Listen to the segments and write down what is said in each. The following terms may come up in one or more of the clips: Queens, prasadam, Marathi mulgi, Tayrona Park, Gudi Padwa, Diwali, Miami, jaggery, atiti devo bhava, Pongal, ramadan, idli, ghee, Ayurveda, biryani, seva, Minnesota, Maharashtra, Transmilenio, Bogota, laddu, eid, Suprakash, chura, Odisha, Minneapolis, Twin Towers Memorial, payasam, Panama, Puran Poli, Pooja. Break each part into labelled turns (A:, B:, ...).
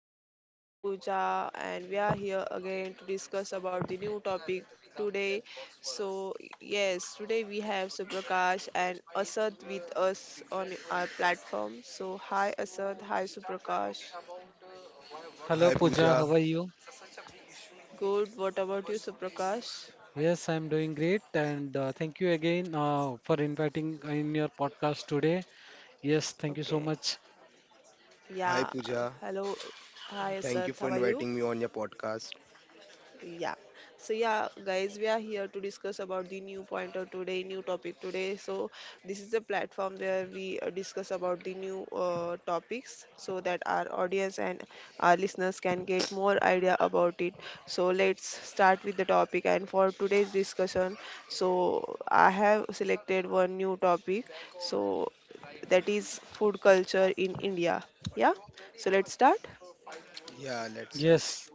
A: I'm Pooja and we are here again to discuss about the new topic today. So yes, Today we have Suprakash and Asad with us on our platform. So hi Asad, hi Suprakash.
B: Hello
C: Hi Pooja.
B: Pooja, how are
C: Balance.
B: you?
A: Good. What about you, Suprakash?
B: Yes, I'm doing great and thank you again for inviting in your podcast today. Yes, thank you so
A: Okay.
B: much.
C: Hi
A: Yeah.
C: Pooja.
A: Hello. Hi
C: Thank you
A: Asad.
C: for
A: How are you?
C: inviting me on your podcast.
A: Yeah. Guys, we are here to discuss about the new topic today. So this is a platform where we discuss about the new topics so that our audience and our listeners can get more idea about it. So let's start with the topic. And for today's discussion, I have selected one new topic. So that is food culture in India. Yeah. So let's start.
C: Yeah, things let's start.
B: Yes.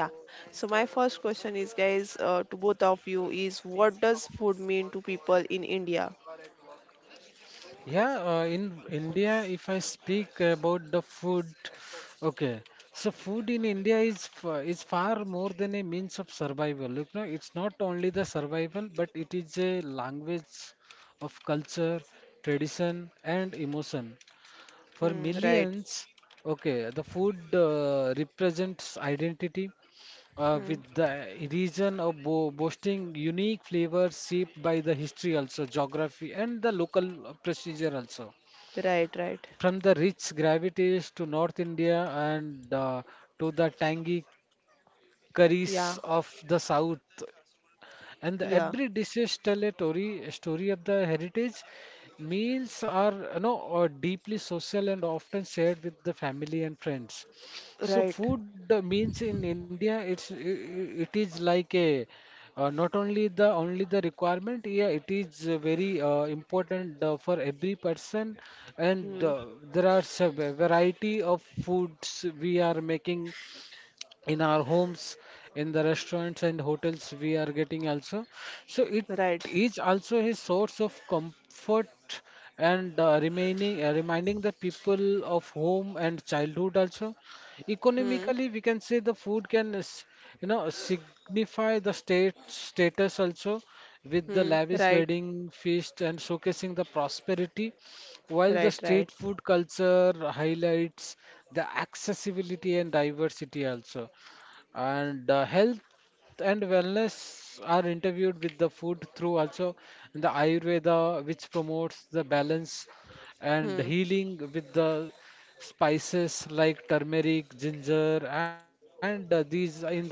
A: Yeah. So my first question is, guys, to both of you is, what does food mean to people in India?
B: Yeah, in India, if I speak about the food, okay. So food in India is far more than a means of survival. Look, no, it's not only the survival, but it is a language of culture, tradition, and emotion. For
A: Hmm, right.
B: millions, okay, the food represents identity
A: Hmm,
B: with the region of bo boasting unique flavors shaped by the history also, geography and the local procedure also.
A: right, right.
B: From the rich gravities to North India and to the tangy curries
A: Yeah,
B: of the South, and every
A: yeah.
B: dishes tell a story of the heritage. Meals are, you know, are deeply social and often shared with the family and friends. So
A: Right.
B: food means in India, it is like a not only the requirement, yeah, it is very important for every person, and
A: Hmm,
B: there are variety of foods we are making in our homes, in the restaurants and hotels we are getting also. So it
A: right.
B: is also a source of comfort and remaining reminding the people of home and childhood also.
A: Hmm,
B: Economically, we can say the food you know signify the state status also with the
A: hmm,
B: lavish
A: right.
B: wedding feast and showcasing the prosperity, while the
A: Right,
B: street
A: right.
B: food culture highlights the accessibility and diversity also. And health and wellness are interviewed with the food through also the Ayurveda, which promotes the balance and
A: Hmm,
B: healing with the spices like turmeric, ginger, and these are in the essence of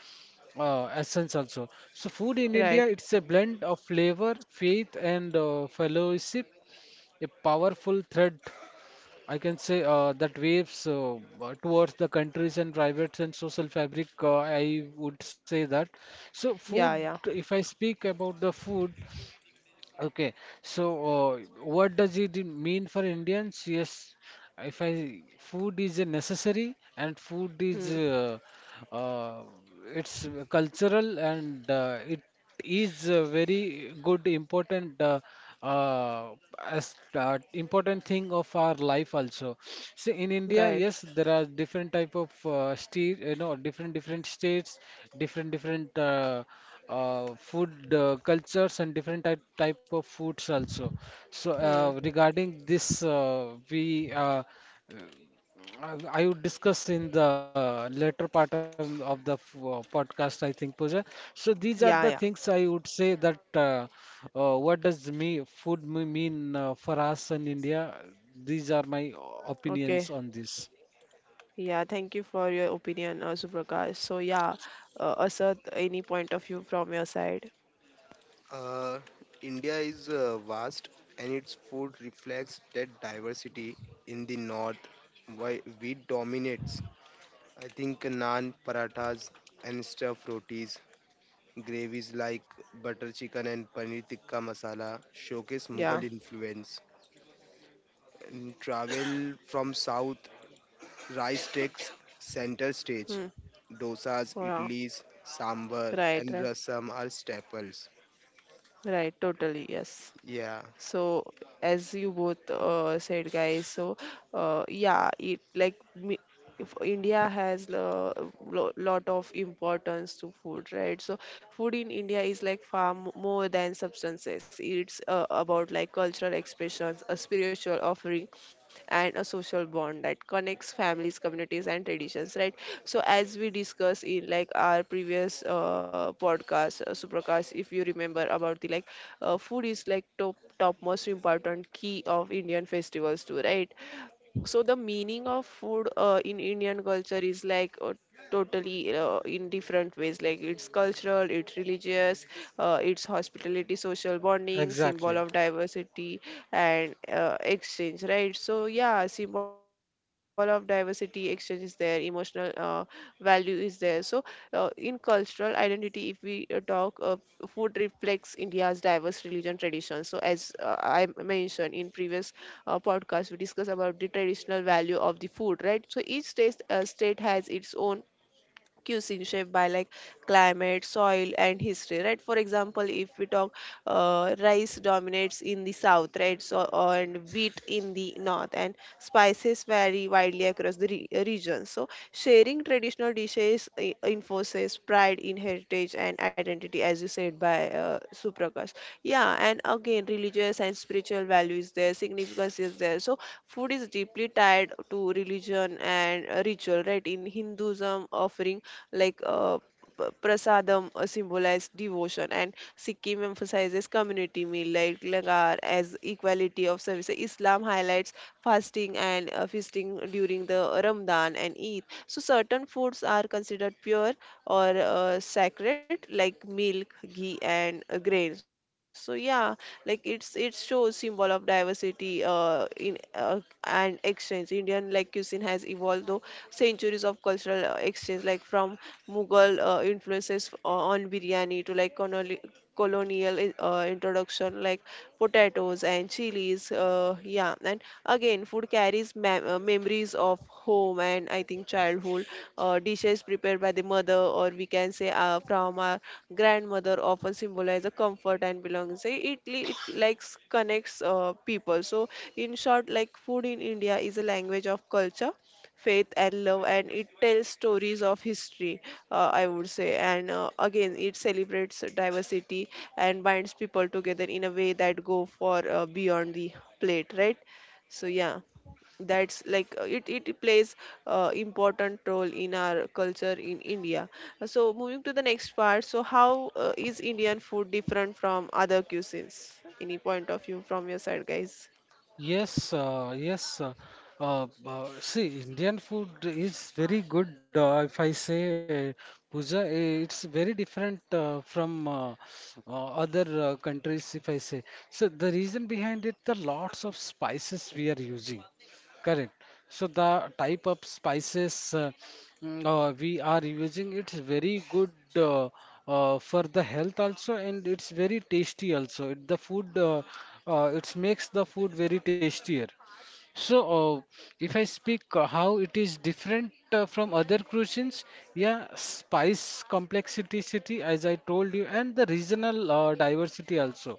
B: essence also. So food in India, it's a
A: right.
B: blend of flavor, faith, and fellowship, a powerful thread I can say that waves towards the countries and private and social fabric. I would say that. So food,
A: Yeah, yeah.
B: if I speak about the food, okay, so what does it mean for Indians? Yes, if I food is a necessary and food is
A: Hmm,
B: uh, it's cultural and it is a very good important uh, important thing of our life also. See, in India,
A: right.
B: yes, there are different type of state, you know, different states, different different. Food cultures and different type of foods also. So
A: Hmm,
B: regarding this, we I would discuss in the later part of the podcast, I think, Pooja. So these are the
A: yeah, yeah.
B: things I would say that what does mean for us in India? These are my
A: Okay.
B: opinions on this.
A: Yeah, thank you for your opinion, Suprakash. Asad, any point of view from your side?
C: Are India is vast and its food reflects that diversity in the north, why wheat dominates. I think naan, parathas, and stuffed rotis. Gravies like butter chicken and paneer tikka masala showcase Mughal
A: Yeah.
C: influence. And travel from south, rice takes center stage.
A: Hmm.
C: Dosas,
A: Yeah.
C: idlis, sambar,
A: Right,
C: and
A: right.
C: rasam are staples.
A: Right, totally, yes.
C: Yeah,
A: So, as you both said, guys, uh, yeah, it like me, if India has a lot of importance to food, right? So, food in India is like more than substances. It's about like cultural expressions, a spiritual offering, and a social bond that connects families, communities, and traditions, right? So, as we discussed in like our previous podcast, Suprakash, if you remember about the food is like top most important key of Indian festivals too, right? So the meaning of food in Indian culture is totally in different ways, like it's cultural, it's religious, it's hospitality, social bonding, symbol
B: Exactly.
A: of diversity and exchange, right? So yeah, symbol of diversity exchange is there, emotional value is there. In cultural identity, if we talk, food reflects India's diverse religion, tradition. So as I mentioned in previous podcast, we discuss about the traditional value of the food, right? So each state has its own cuisine shaped by like climate, soil, and history, right? For example, if we talk, rice dominates in the south, right? And wheat in the north, and spices vary widely across the region. So, sharing traditional dishes enforces pride in heritage and identity, as you said by Suprakash. Yeah, and again, religious and spiritual values there, significance is there. So, food is deeply tied to religion and ritual, right? In Hinduism, offering like uh, prasadam symbolize devotion, and Sikkim emphasizes community meal like langar as equality of service. Islam highlights fasting and feasting during the Ramadan and Eid. So certain foods are considered pure or sacred, like milk, ghee, and grains. So yeah, like it's it shows symbol of diversity in and exchange. Indian like cuisine has evolved though centuries of cultural exchange, like from Mughal influences on biryani to like colonial introduction like potatoes and chilies. Yeah, and again, food carries memories of home and, I think, childhood. Dishes prepared by the mother, or we can say from our grandmother, often symbolize a comfort and belonging. It like connects people. So in short, like food in India is a language of culture, faith and love, and it tells stories of history, I would say. And again, it celebrates diversity and binds people together in a way that go for beyond the plate, right? So yeah, that's like it it plays important role in our culture in India. So moving to the next part, so how is Indian food different from other cuisines? Any point of view from your side, guys?
B: Yes, see, Indian food is very good. If I say puja, eh, it's very different from other countries. If I say so, the reason behind it, the lots of spices we are using. Correct. So the type of spices. We are using it's very good uh, for the health also and it's very tasty also. The food it makes the food very tastier. So if I speak how it is different from other cuisines, yeah, spice complexity, as I told you, and the regional diversity also.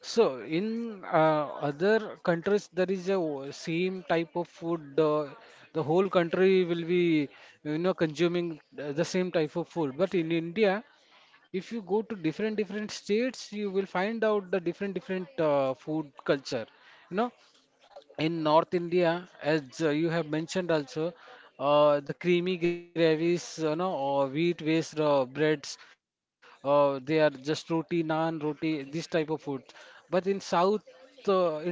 B: So in other countries, there is a o- same type of food. The whole country will be you know consuming the same type of food. But in India, if you go to different different states, you will find out the different food culture. You know, in North India, as you have mentioned also, the creamy gravies, you know, or wheat based breads, they are just roti, naan, roti, this type of food. But in South India,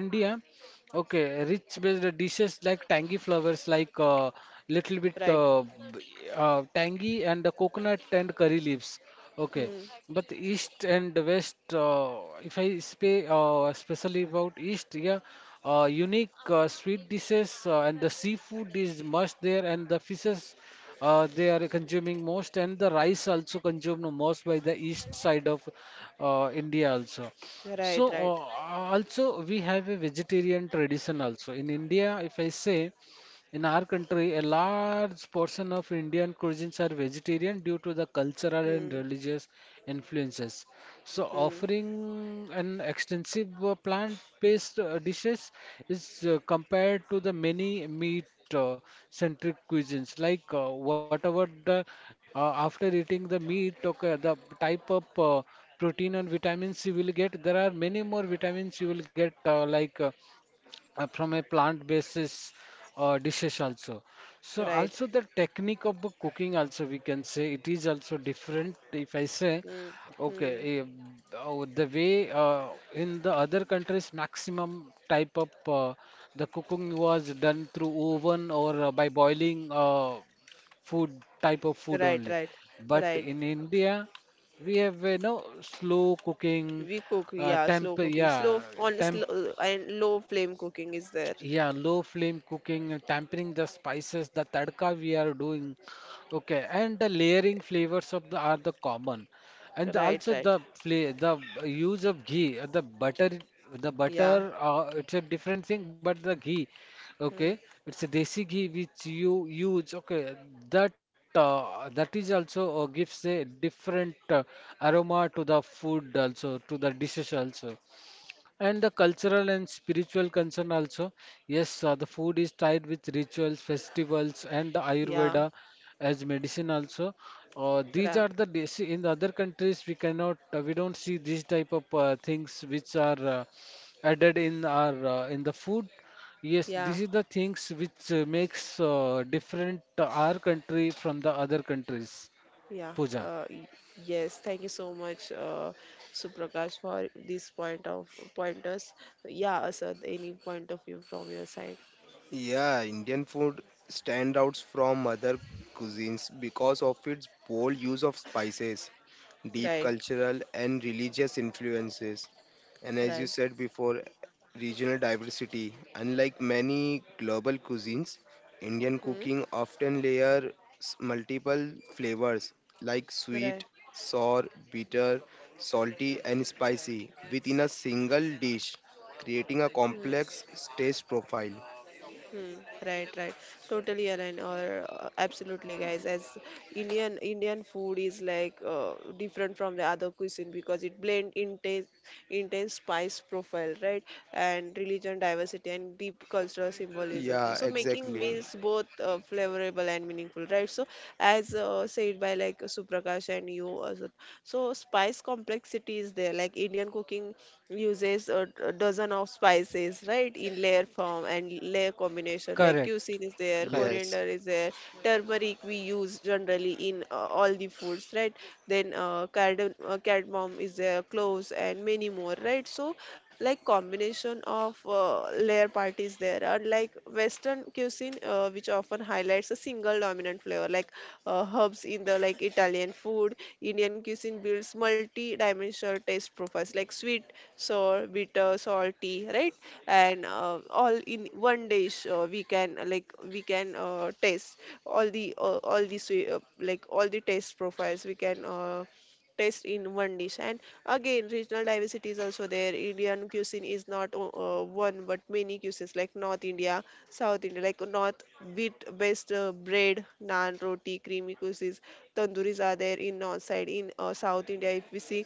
B: okay, rich based dishes like tangy flavors like little bit uh,
A: Right.
B: b- tangy and the coconut and curry leaves. Okay,
A: Hmm.
B: but east and west, if I speak especially about east, yeah, unique sweet dishes and the seafood is much there and the fishes they are consuming most and the rice also consumed most by the east side of India also. So
A: Right, right.
B: also we have a vegetarian tradition also. In India, if I say, in our country, a large portion of Indian cuisines are vegetarian due to the cultural and
A: Hmm.
B: religious influences. So
A: Hmm.
B: offering an extensive plant-based dishes is compared to the many meat-centric cuisines. Like whatever the after eating the meat, okay, the type of protein and vitamins you will get. There are many more vitamins you will get, from a plant basis dishes also. So
A: Right.
B: also the technique of the cooking also we can say it is also different if I say
A: Hmm.
B: okay,
A: Hmm.
B: eh, oh, the way in the other countries maximum type of the cooking was done through oven or by boiling food type of food
A: Right,
B: only,
A: right,
B: but
A: right.
B: in India we have you know slow cooking,
A: We cook,
B: uh,
A: yeah,
B: temp
A: slow cooking,
B: yeah
A: slow on
B: temp
A: slow and low flame cooking is there.
B: yeah, low flame cooking, tempering the spices, the tadka we are doing. Okay, and the layering flavors of the are the common, and the-
A: Right,
B: also the
A: right.
B: fla the b- use of ghee, the butter.
A: Yeah,
B: It's a different thing, but the ghee, okay,
A: hmm,
B: it's a desi ghee which you use. Okay, that that is also gives a different aroma to the food also to the dishes also. And the cultural and spiritual concern also. Yes, the food is tied with rituals, festivals, and the
A: yeah,
B: Ayurveda as medicine also. These
A: ra-
B: in other countries we cannot we don't see these type of things which are added in our in the food. Yes, this
A: yeah,
B: is the things which makes different our country from the other countries.
A: yeah.
B: Puja.
A: Yes, thank you so much, Suprakash, for this pointers. Yeah, Asad, any point of view from your side?
C: yeah. Indian food stands out from other cuisines because of its bold use of spices, deep
A: Right,
C: cultural and religious influences. And as you
A: right,
C: said before, regional diversity. Unlike many global cuisines, Indian
A: hmm,
C: cooking often layers multiple flavors like sweet,
A: right.
C: sour, bitter, salty, and spicy within a single dish, creating a
A: Hmm.
C: complex taste profile.
A: Hmm, right, right. Totally aligned, or absolutely, guys. As Indian food is like different from the other cuisine because it blend intense spice profile, right? And religion diversity and deep cultural symbolism.
C: Yeah,
A: So making
C: exactly.
A: meals both flavorable and meaningful, right? So as said by like Suprakash and you also. So spice complexity is there. Like Indian cooking uses a dozen of spices, right, in layer form and layer combination. Like
B: Correct.
A: cuisine is there,
B: Correct.
C: Yes.
A: coriander is there, turmeric we use generally in all the foods, right? Then cardamom is there, cloves and many more, right? So like combination of layer parties there. Unlike Western cuisine, which often highlights a single dominant flavor, like herbs in the like Italian food, Indian cuisine builds multi-dimensional taste profiles, like sweet, sour, bitter, salty, right? And all in one dish, we can taste all the taste profiles we can taste in one dish. And again, regional diversity is also there. Indian cuisine is not one but many cuisines, like North India, South India. Like north, wheat based bread, naan, roti, creamy cuisines, tandoori's are there in north side. In South India, if we see,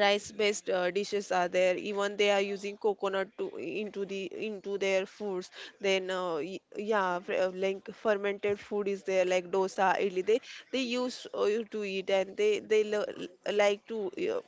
A: rice based dishes are there. Even they are using coconut to into the into their foods. Then like fermented food is there, like dosa, idli. They used to eat, and they like to uh,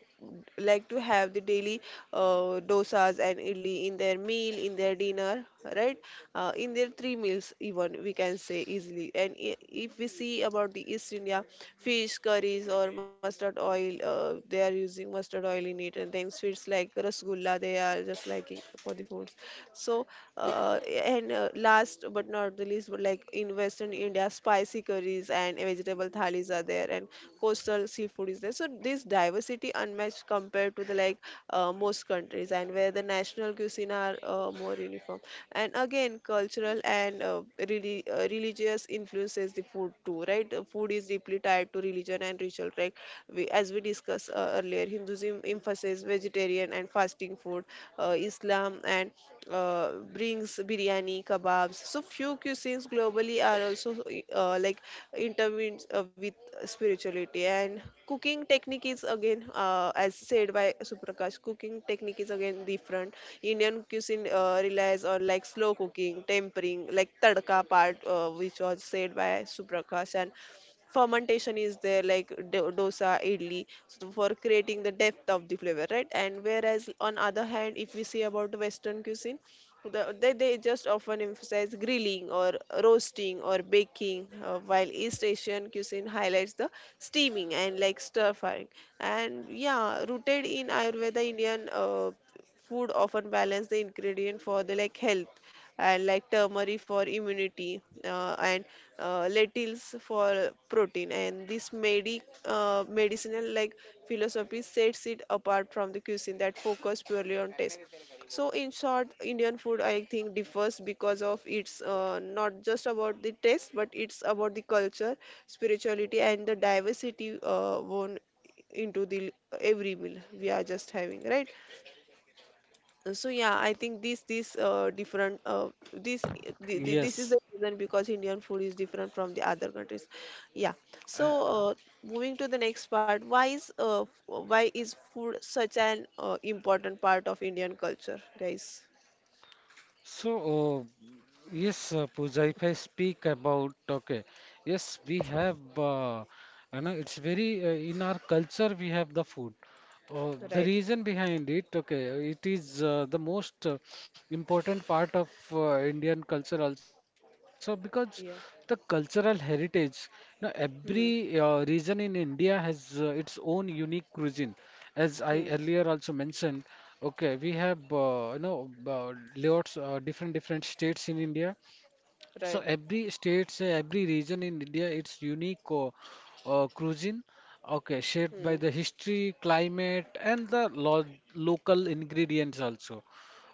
A: like to have the daily dosas and idli in their meal, in their dinner, right? In their three meals even, we can say easily. And if we see about the East India, fish curries or mustard oil oil, they are using mustard oil in it. And then sweets like rasgulla, they are just like it for the foods. So, uh, and Last but not the least, but like in Western India, spicy curries and vegetable thalis are there, and coastal seafood is there. So this diversity unmatched compared to the like most countries, and where the national cuisine are more uniform. And again, cultural and really religious influences the food too, right? Food is deeply tied to religion and ritual, right? As we discussed earlier, Hinduism emphasizes vegetarian and fasting food, Islam and brings biryani, kebabs. So few cuisines globally are also uh, like intertwined with spirituality. And cooking technique is again as said by Suprakash, cooking technique is again different. Indian cuisine relies on like slow cooking, tempering, like tadka part, which was said by Suprakash, and fermentation is there like dosa, idli. So for creating the depth of the flavor, right? And whereas on other hand, if we see about Western cuisine, they just often emphasize grilling or roasting or baking, while East Asian cuisine highlights the steaming and like stir frying. And yeah, rooted in Ayurveda, Indian food often balance the ingredient for the like health, and like turmeric for immunity and lentils for protein. And this medicinal like philosophy sets it apart from the cuisine that focus purely on taste. So in short, Indian food, I think, differs because of it's not just about the taste, but it's about the culture, spirituality, and the diversity woven into the every meal we are just having, right? So yeah, I think this this different this thi- thi- this is the
B: Yes.
A: reason because Indian food is different from the other countries. Yeah.
B: Uh,
A: So uh, Moving to the next part, why is why is food such an important part of Indian culture, guys?
B: So, yes, Pooja, if I speak about, okay, yes, we have, you know, it's very, in our culture, we have the food. Oh, the
A: Right.
B: reason behind it, okay, it is the most important part of Indian culture also because the
A: Yeah.
B: cultural heritage, you know, every
A: Hmm.
B: region in India has its own unique cuisine. As I
A: Hmm.
B: earlier also mentioned, okay, we have lots different different states in India. So
A: Right.
B: every states, every region in India, its unique cuisine, okay, shaped
A: Hmm.
B: by the history, climate, and the lo local ingredients also.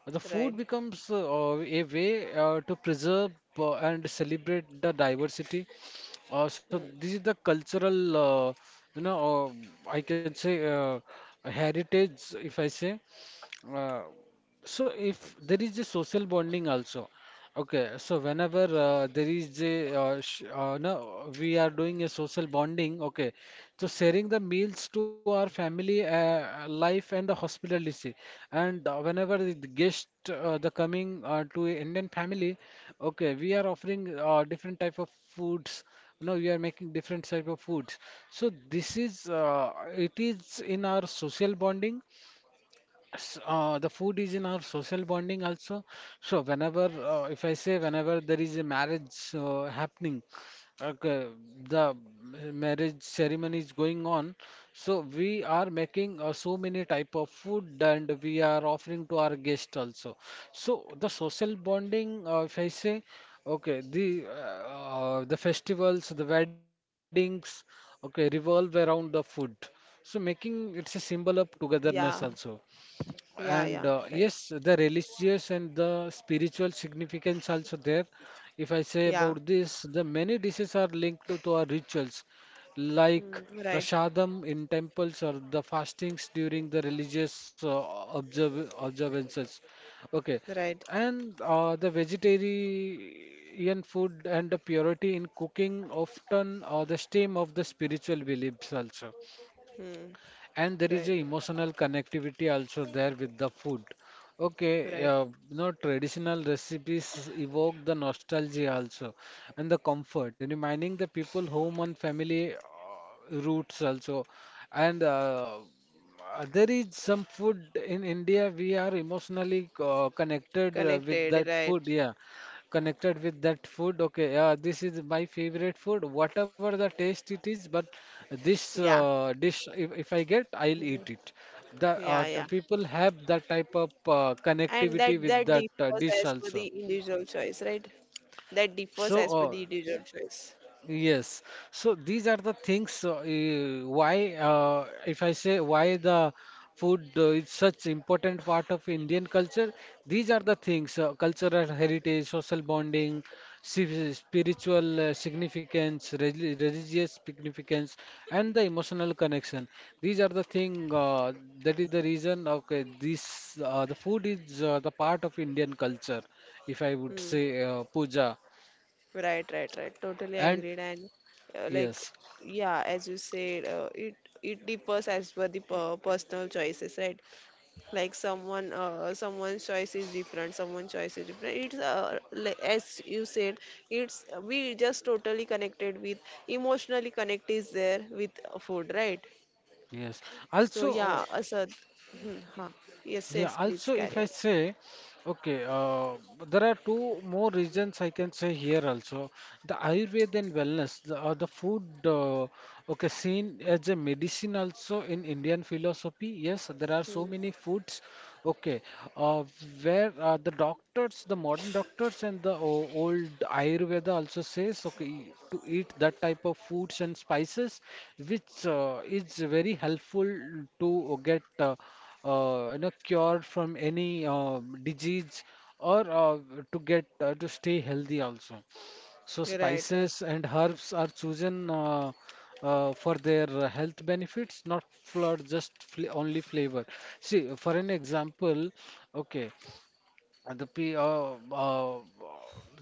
B: The food
A: Right.
B: becomes a way to preserve and celebrate the diversity. So
A: Hmm.
B: this is the cultural, uh, you know, I can say heritage, if I say. Uh, so if there is a social bonding also, okay, so whenever there is a sh no we are doing a social bonding, okay, so sharing the meals to our family life and the hospitality, and whenever the guest the coming to a Indian family, okay, we are offering different type of foods, no, we are making different type of foods, so this is it is in our social bonding. The food is in our social bonding also. So whenever, if I say whenever there is a marriage happening, okay, the marriage ceremony is going on. So we are making so many type of food and we are offering to our guest also. So the social bonding, if I say, okay, the festivals, the weddings, okay, revolve around the food. So making it's a symbol of togetherness
A: Yeah.
B: also. And
A: Yeah. Yeah.
B: yes,
A: Right.
B: the religious and the spiritual significance also there. If I say
A: Yeah.
B: about this, the many dishes are linked to our rituals,
A: Hmm.
B: like
A: Right.
B: prasadam in temples or the fastings during the religious observances. Okay,
A: Right.
B: and the vegetarian food and the purity in cooking often are the stem of the spiritual beliefs also,
A: Hmm.
B: and there is
A: Right.
B: a emotional connectivity also there with the food. Okay,
A: Right.
B: you know traditional recipes evoke the nostalgia also, and the comfort reminding the people home and family roots also, and there is some food in India we are emotionally connected with that
A: Connected. Right.
B: food, yeah, connected with that food, okay, yeah, this is my favorite food whatever the taste it is, but this
A: Yeah.
B: dish if I get I'll
A: Yeah.
B: eat it.
A: Yeah, yeah.
B: People have that type of
A: And
B: connectivity
A: that
B: with
A: that
B: that
A: differs
B: dish
A: as per
B: also.
A: the individual choice, right? That
B: So
A: differs as per the individual choice.
B: yes. So these are the things if I say why the food is such important part of Indian culture. These are the things: cultural heritage, social bonding, spiritual significance, religious significance, and the emotional connection. These are the thing that is the reason. Okay, the food is the part of Indian culture, if I would
A: Hmm.
B: say, Puja.
A: Right. Right. Right. Totally
B: And
A: agreed. And uh, like
B: yes.
A: yeah, as you said, it differs as per the personal choices, right? Like someone someone's choice is different, someone's choice is different. It's like, as you said, it's we just totally connected with, emotionally connect is there with food, right?
B: Yes.
A: So
B: Also,
A: yeah,
B: uh,
A: Asad. Hmm, huh. Yes, yes,
B: yeah,
A: please
B: also
A: carry on.
B: if I say, okay, there are two more reasons I can say here also. The Ayurveda and wellness, the food, okay, seen as a medicine also in Indian philosophy. Yes, there are so
A: Hmm.
B: many foods, okay, uh, where the doctors, the modern doctors and the old Ayurveda also says, okay, to eat that type of foods and spices, which is very helpful to get you know, cure from any disease or to get to stay healthy also. So
A: You're right, right.
B: spices and herbs are chosen for their health benefits, not for just fl only flavor. See, for an example, okay, uh, the pe- uh, uh,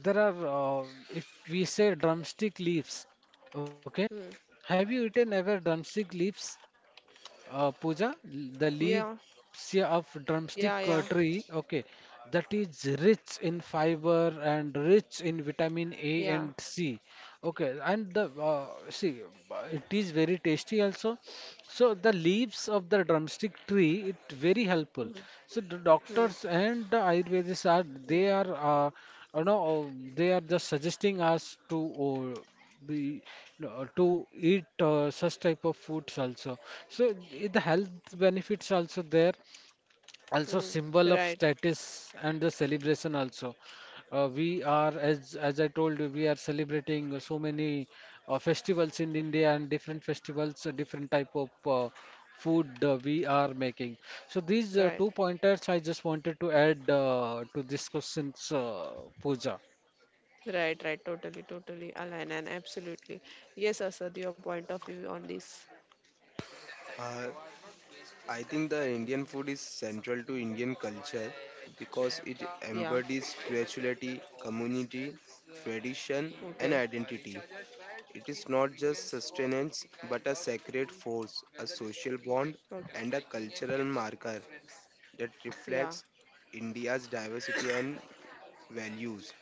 B: there are uh, if we say drumstick leaves, okay,
A: Hmm.
B: have you eaten ever drumstick leaves? Pooja, the
A: Yeah,
B: leaves of
A: yeah,
B: drumstick
A: yeah,
B: tree, okay, that is rich in fiber and rich in vitamin
A: yeah.
B: A and C. Okay, and the see, it is very tasty also, so the leaves of the drumstick tree, it very
A: Hmm.
B: helpful. So the
A: Hmm.
B: doctors and the Ayurvedists are
A: Hmm.
B: they are uh, you know, they are just suggesting us to uh, be to eat such type of foods also. So the health benefits also there, also
A: Hmm.
B: symbol of
A: right
B: status and the celebration also. We are, as I told you, we are celebrating so many festivals in India, and different festivals different type of food we are making. So these
A: right
B: two pointers I just wanted to add to this question's, Puja.
A: right. Totally align and absolutely yes. Asad, your point of view on this?
C: Uh, I think the Indian food is central to Indian culture because it
A: Yeah.
C: embodies spirituality, community, tradition,
A: Okay.
C: and identity. It is not just sustenance but a sacred force, a social bond,
A: Okay.
C: and a cultural marker that
A: Yeah,
C: reflects India's diversity and values.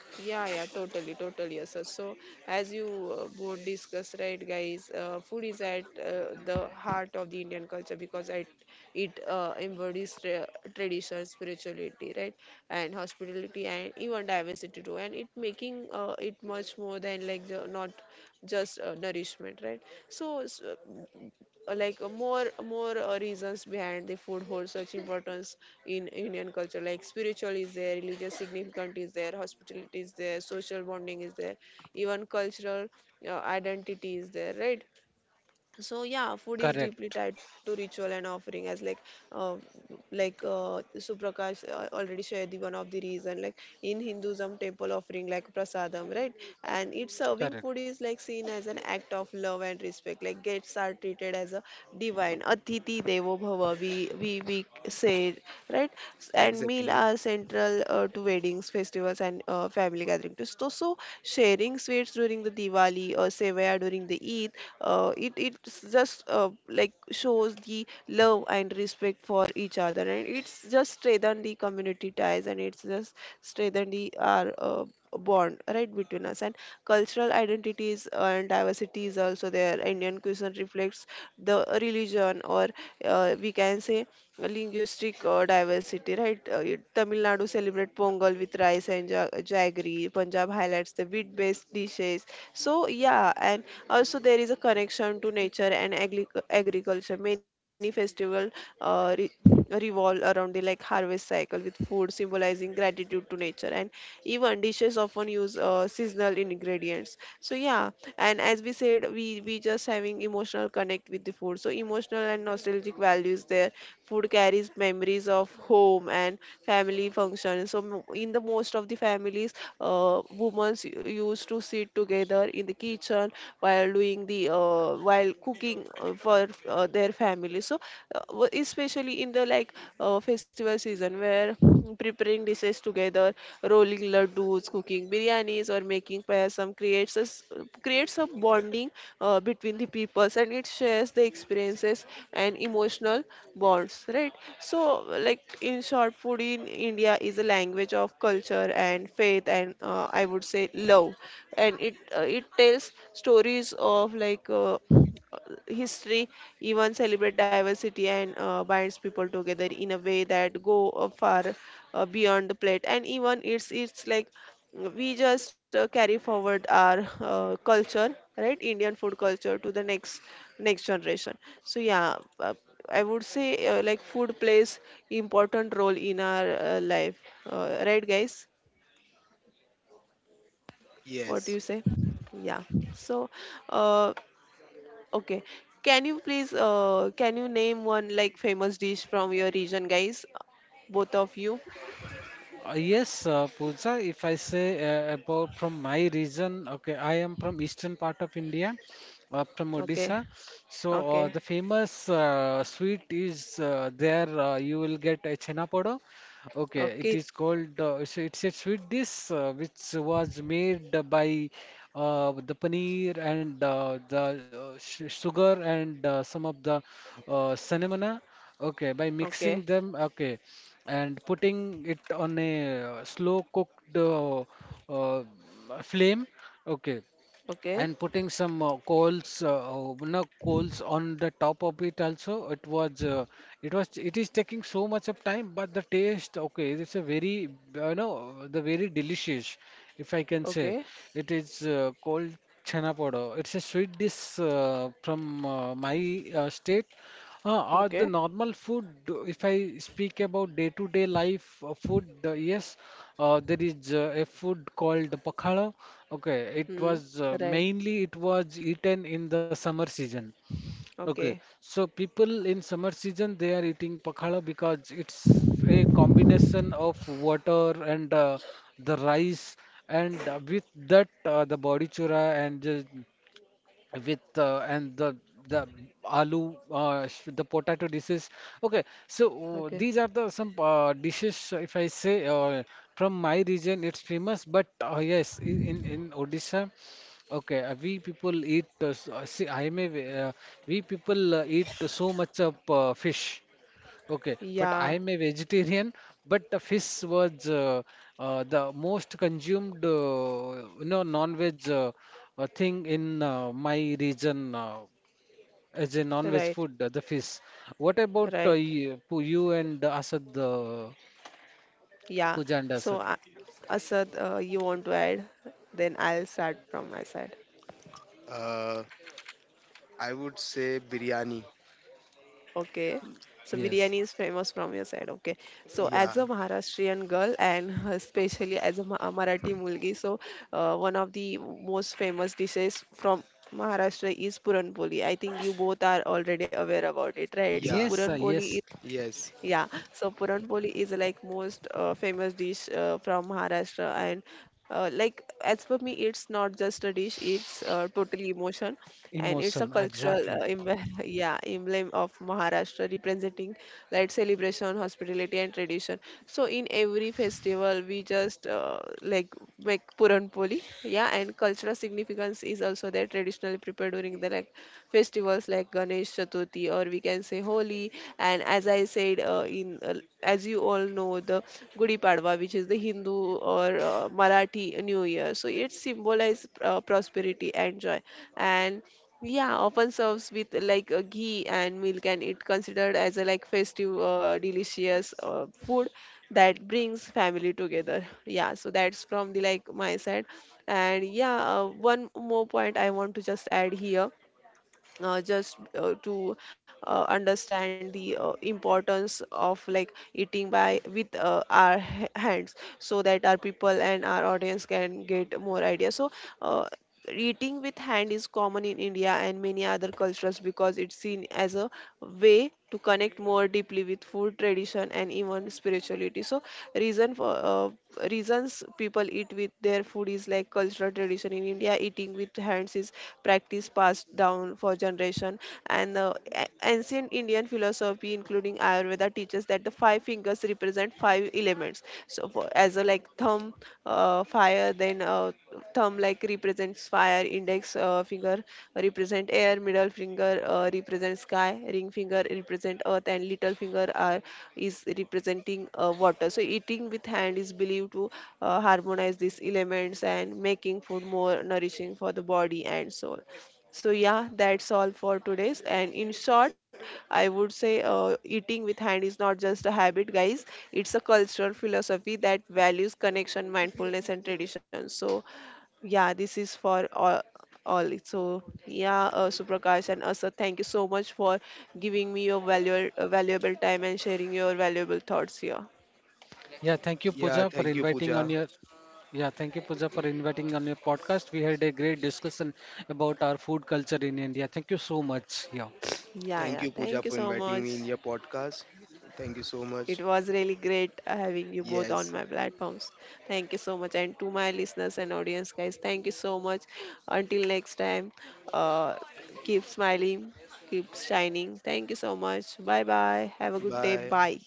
A: yeah, yeah, totally, totally, yes, sir. So, as you both discussed, right, guys, food is at the heart of the Indian culture because it embodies tradition, spirituality, right, and hospitality, and even diversity too, and it making it much more than like the, not just nourishment, right? So like more more reasons behind the food holds such importance in Indian culture, like spiritual is there, religious significance is there, hospitality is there, social bonding is there, even cultural identity is there, right? So yeah, food is deeply
B: Correct.
A: tied to ritual and offering. As uh, like Suprakash already shared, the one of the reason, like in Hinduism temple offering like prasadam, right, and it's serving
B: Correct.
A: food is like seen as an act of love and respect. Like guests are treated as a divine, atiti devo bhava, we say, right. And meal
C: Exactly.
A: are central to weddings, festivals, and family gathering too. So sharing sweets during the Diwali or sevaya during the Eid. It's just like shows the love and respect for each other, and it's just strengthen the community ties, and it's just strengthen the our bond, right, between us. And cultural identities and diversity is also there. Indian cuisine reflects the religion, or we can say linguistic diversity, right? Tamil Nadu celebrate Pongal with rice and jaggery. Punjab highlights the wheat-based dishes. So yeah, and also there is a connection to nature and agriculture. Many festival uh, re- revolve around the like harvest cycle, with food symbolizing gratitude to nature, and even dishes often use seasonal ingredients. So yeah, and as we said, we just having emotional connect with the food, so emotional and nostalgic values there. Food carries memories of home and family functions. In the most of the families, women used to sit together in the kitchen while doing the while cooking for their family. So especially in the like festival season where preparing dishes together, rolling laddus, cooking biryanis, or making payasam creates a bonding between the peoples, and it shares the experiences and emotional bonds, right? So like in short, food in India is a language of culture and faith and, I would say, love. And it tells stories of like history, even celebrate diversity, and binds people together in a way that go far beyond the plate. And even it's like we just carry forward our culture, right, Indian food culture, to the next generation. So yeah, I would say like food plays important role in our life, right, guys? What do
C: Yes,
A: you say? Yeah. So uh, okay, can you please can you name one like famous dish from your region, guys, both of you?
B: Yes, Pooja, if I say about from my region, okay, I am from eastern part of India, from
A: Okay.
B: Odisha. So
A: Okay.
B: the famous sweet is there. You will get a chhena podo. Okay, it
A: Okay.
B: is called. It's a sweet dish which was made by the paneer and the sh sugar and some of the cinnamon. Okay, by
A: Okay.
B: mixing them. Okay, and putting it on a slow cooked uh, flame, okay,
A: Okay.
B: and putting some coals, no, coals on the top of it also. It is taking so much of time, but the taste, okay, it's a very you know, the very delicious, if I can say.
A: Okay.
B: It is called chhana podo. It's a sweet dish from my state. Or the
A: Okay.
B: normal food, if I speak about day-to-day life food, yes, there is a food called pakhala. Okay, it
A: Hmm.
B: was
A: Right.
B: mainly it was eaten in the summer season. Okay,
A: Okay.
B: so people in summer season they are eating pakhala because it's a combination of water and the rice, and with that the body chura and with and the aloo the potato dishes. Okay, so
A: Okay.
B: these are the some dishes if I say from my region, it's famous, but yes, in Odisha. Okay, we people eat, see, we people eat so much of fish. Okay, but I
A: Yeah.
B: am a vegetarian, but the fish was the most consumed, you know, non-veg thing in my region as a non-veg
A: Right.
B: food, the fish. What about
A: Right.
B: you, you and Asad,
A: Yeah.
B: Pooja and
A: So,
B: Asad?
A: Asad, you want to add? Then I'll start from my side.
C: Uh, I would say biryani.
A: Okay. So,
B: Yes.
A: biryani is famous from your side. Okay. So,
C: Yeah,
A: as a Maharashtrian girl and especially as a a Marathi mulgi, so one of the most famous dishes from Maharashtra is Puran Poli. I think you both are already aware about it, right? So,
C: yeah,
B: Yes,
A: Puran Poli.
B: yes,
C: yes.
A: Yeah, so puranpoli is like most famous dish from Maharashtra, and like as for me, it's not just a dish; it's totally emotion, and it's a
B: emotion,
A: cultural
B: exactly.
A: yeah, emblem of Maharashtra, representing like celebration, hospitality, and tradition. So in every festival, we just like make puranpoli, yeah, and cultural significance is also there. Traditionally prepared during the like festivals like Ganesh Chaturthi, or we can say Holi. And as I said, in as you all know, the Gudi Padwa, which is the Hindu or Marathi New Year. So it symbolizes prosperity and joy. And yeah, often serves with like ghee and milk, and it considered as a like festive, delicious food that brings family together. Yeah, so that's from the like my side, and yeah, one more point I want to just add here, just to understand the importance of like eating by with our hands, so that our people and our audience can get more idea. So uh, eating with hand is common in India and many other cultures because it's seen as a way to connect more deeply with food, tradition, and even spirituality. So reason for reasons people eat with their food is like cultural tradition. In India, eating with hands is practice passed down for generation. And ancient Indian philosophy, including Ayurveda, teaches that the five fingers represent five elements. So for, as a like thumb fire then thumb like represents fire, index finger represent air, middle finger represents sky, ring finger represent earth, and little finger are is representing water. So eating with hand is believed to harmonize these elements and making food more nourishing for the body and soul. So yeah, that's all for today's. And in short, I would say eating with hand is not just a habit, guys. It's a cultural philosophy that values connection, mindfulness, and tradition. So yeah, this is for all. All. So yeah, Suprakash and Asad, thank you so much for giving me your valuable time and sharing your valuable thoughts here.
B: Yeah, thank you, Pooja,
C: Yeah,
B: for
C: thank you,
B: inviting on
C: Pooja.
B: your yeah, thank you, Pooja, for inviting on your podcast. We had a great discussion about our food culture in India. Thank you so much. Yeah.
A: Yeah,
C: Thank
A: yeah,
C: you, Pooja,
A: thank you
C: for
A: so
C: inviting
A: much.
C: me in your podcast. Thank you so much.
A: It was really great having you both on
C: Yes.
A: my platforms. Thank you so much. And to my listeners and audience, guys, thank you so much. Until next time, uh, keep smiling, keep shining. Thank you so much. Bye bye. Have a good day.
C: Bye.
A: Bye.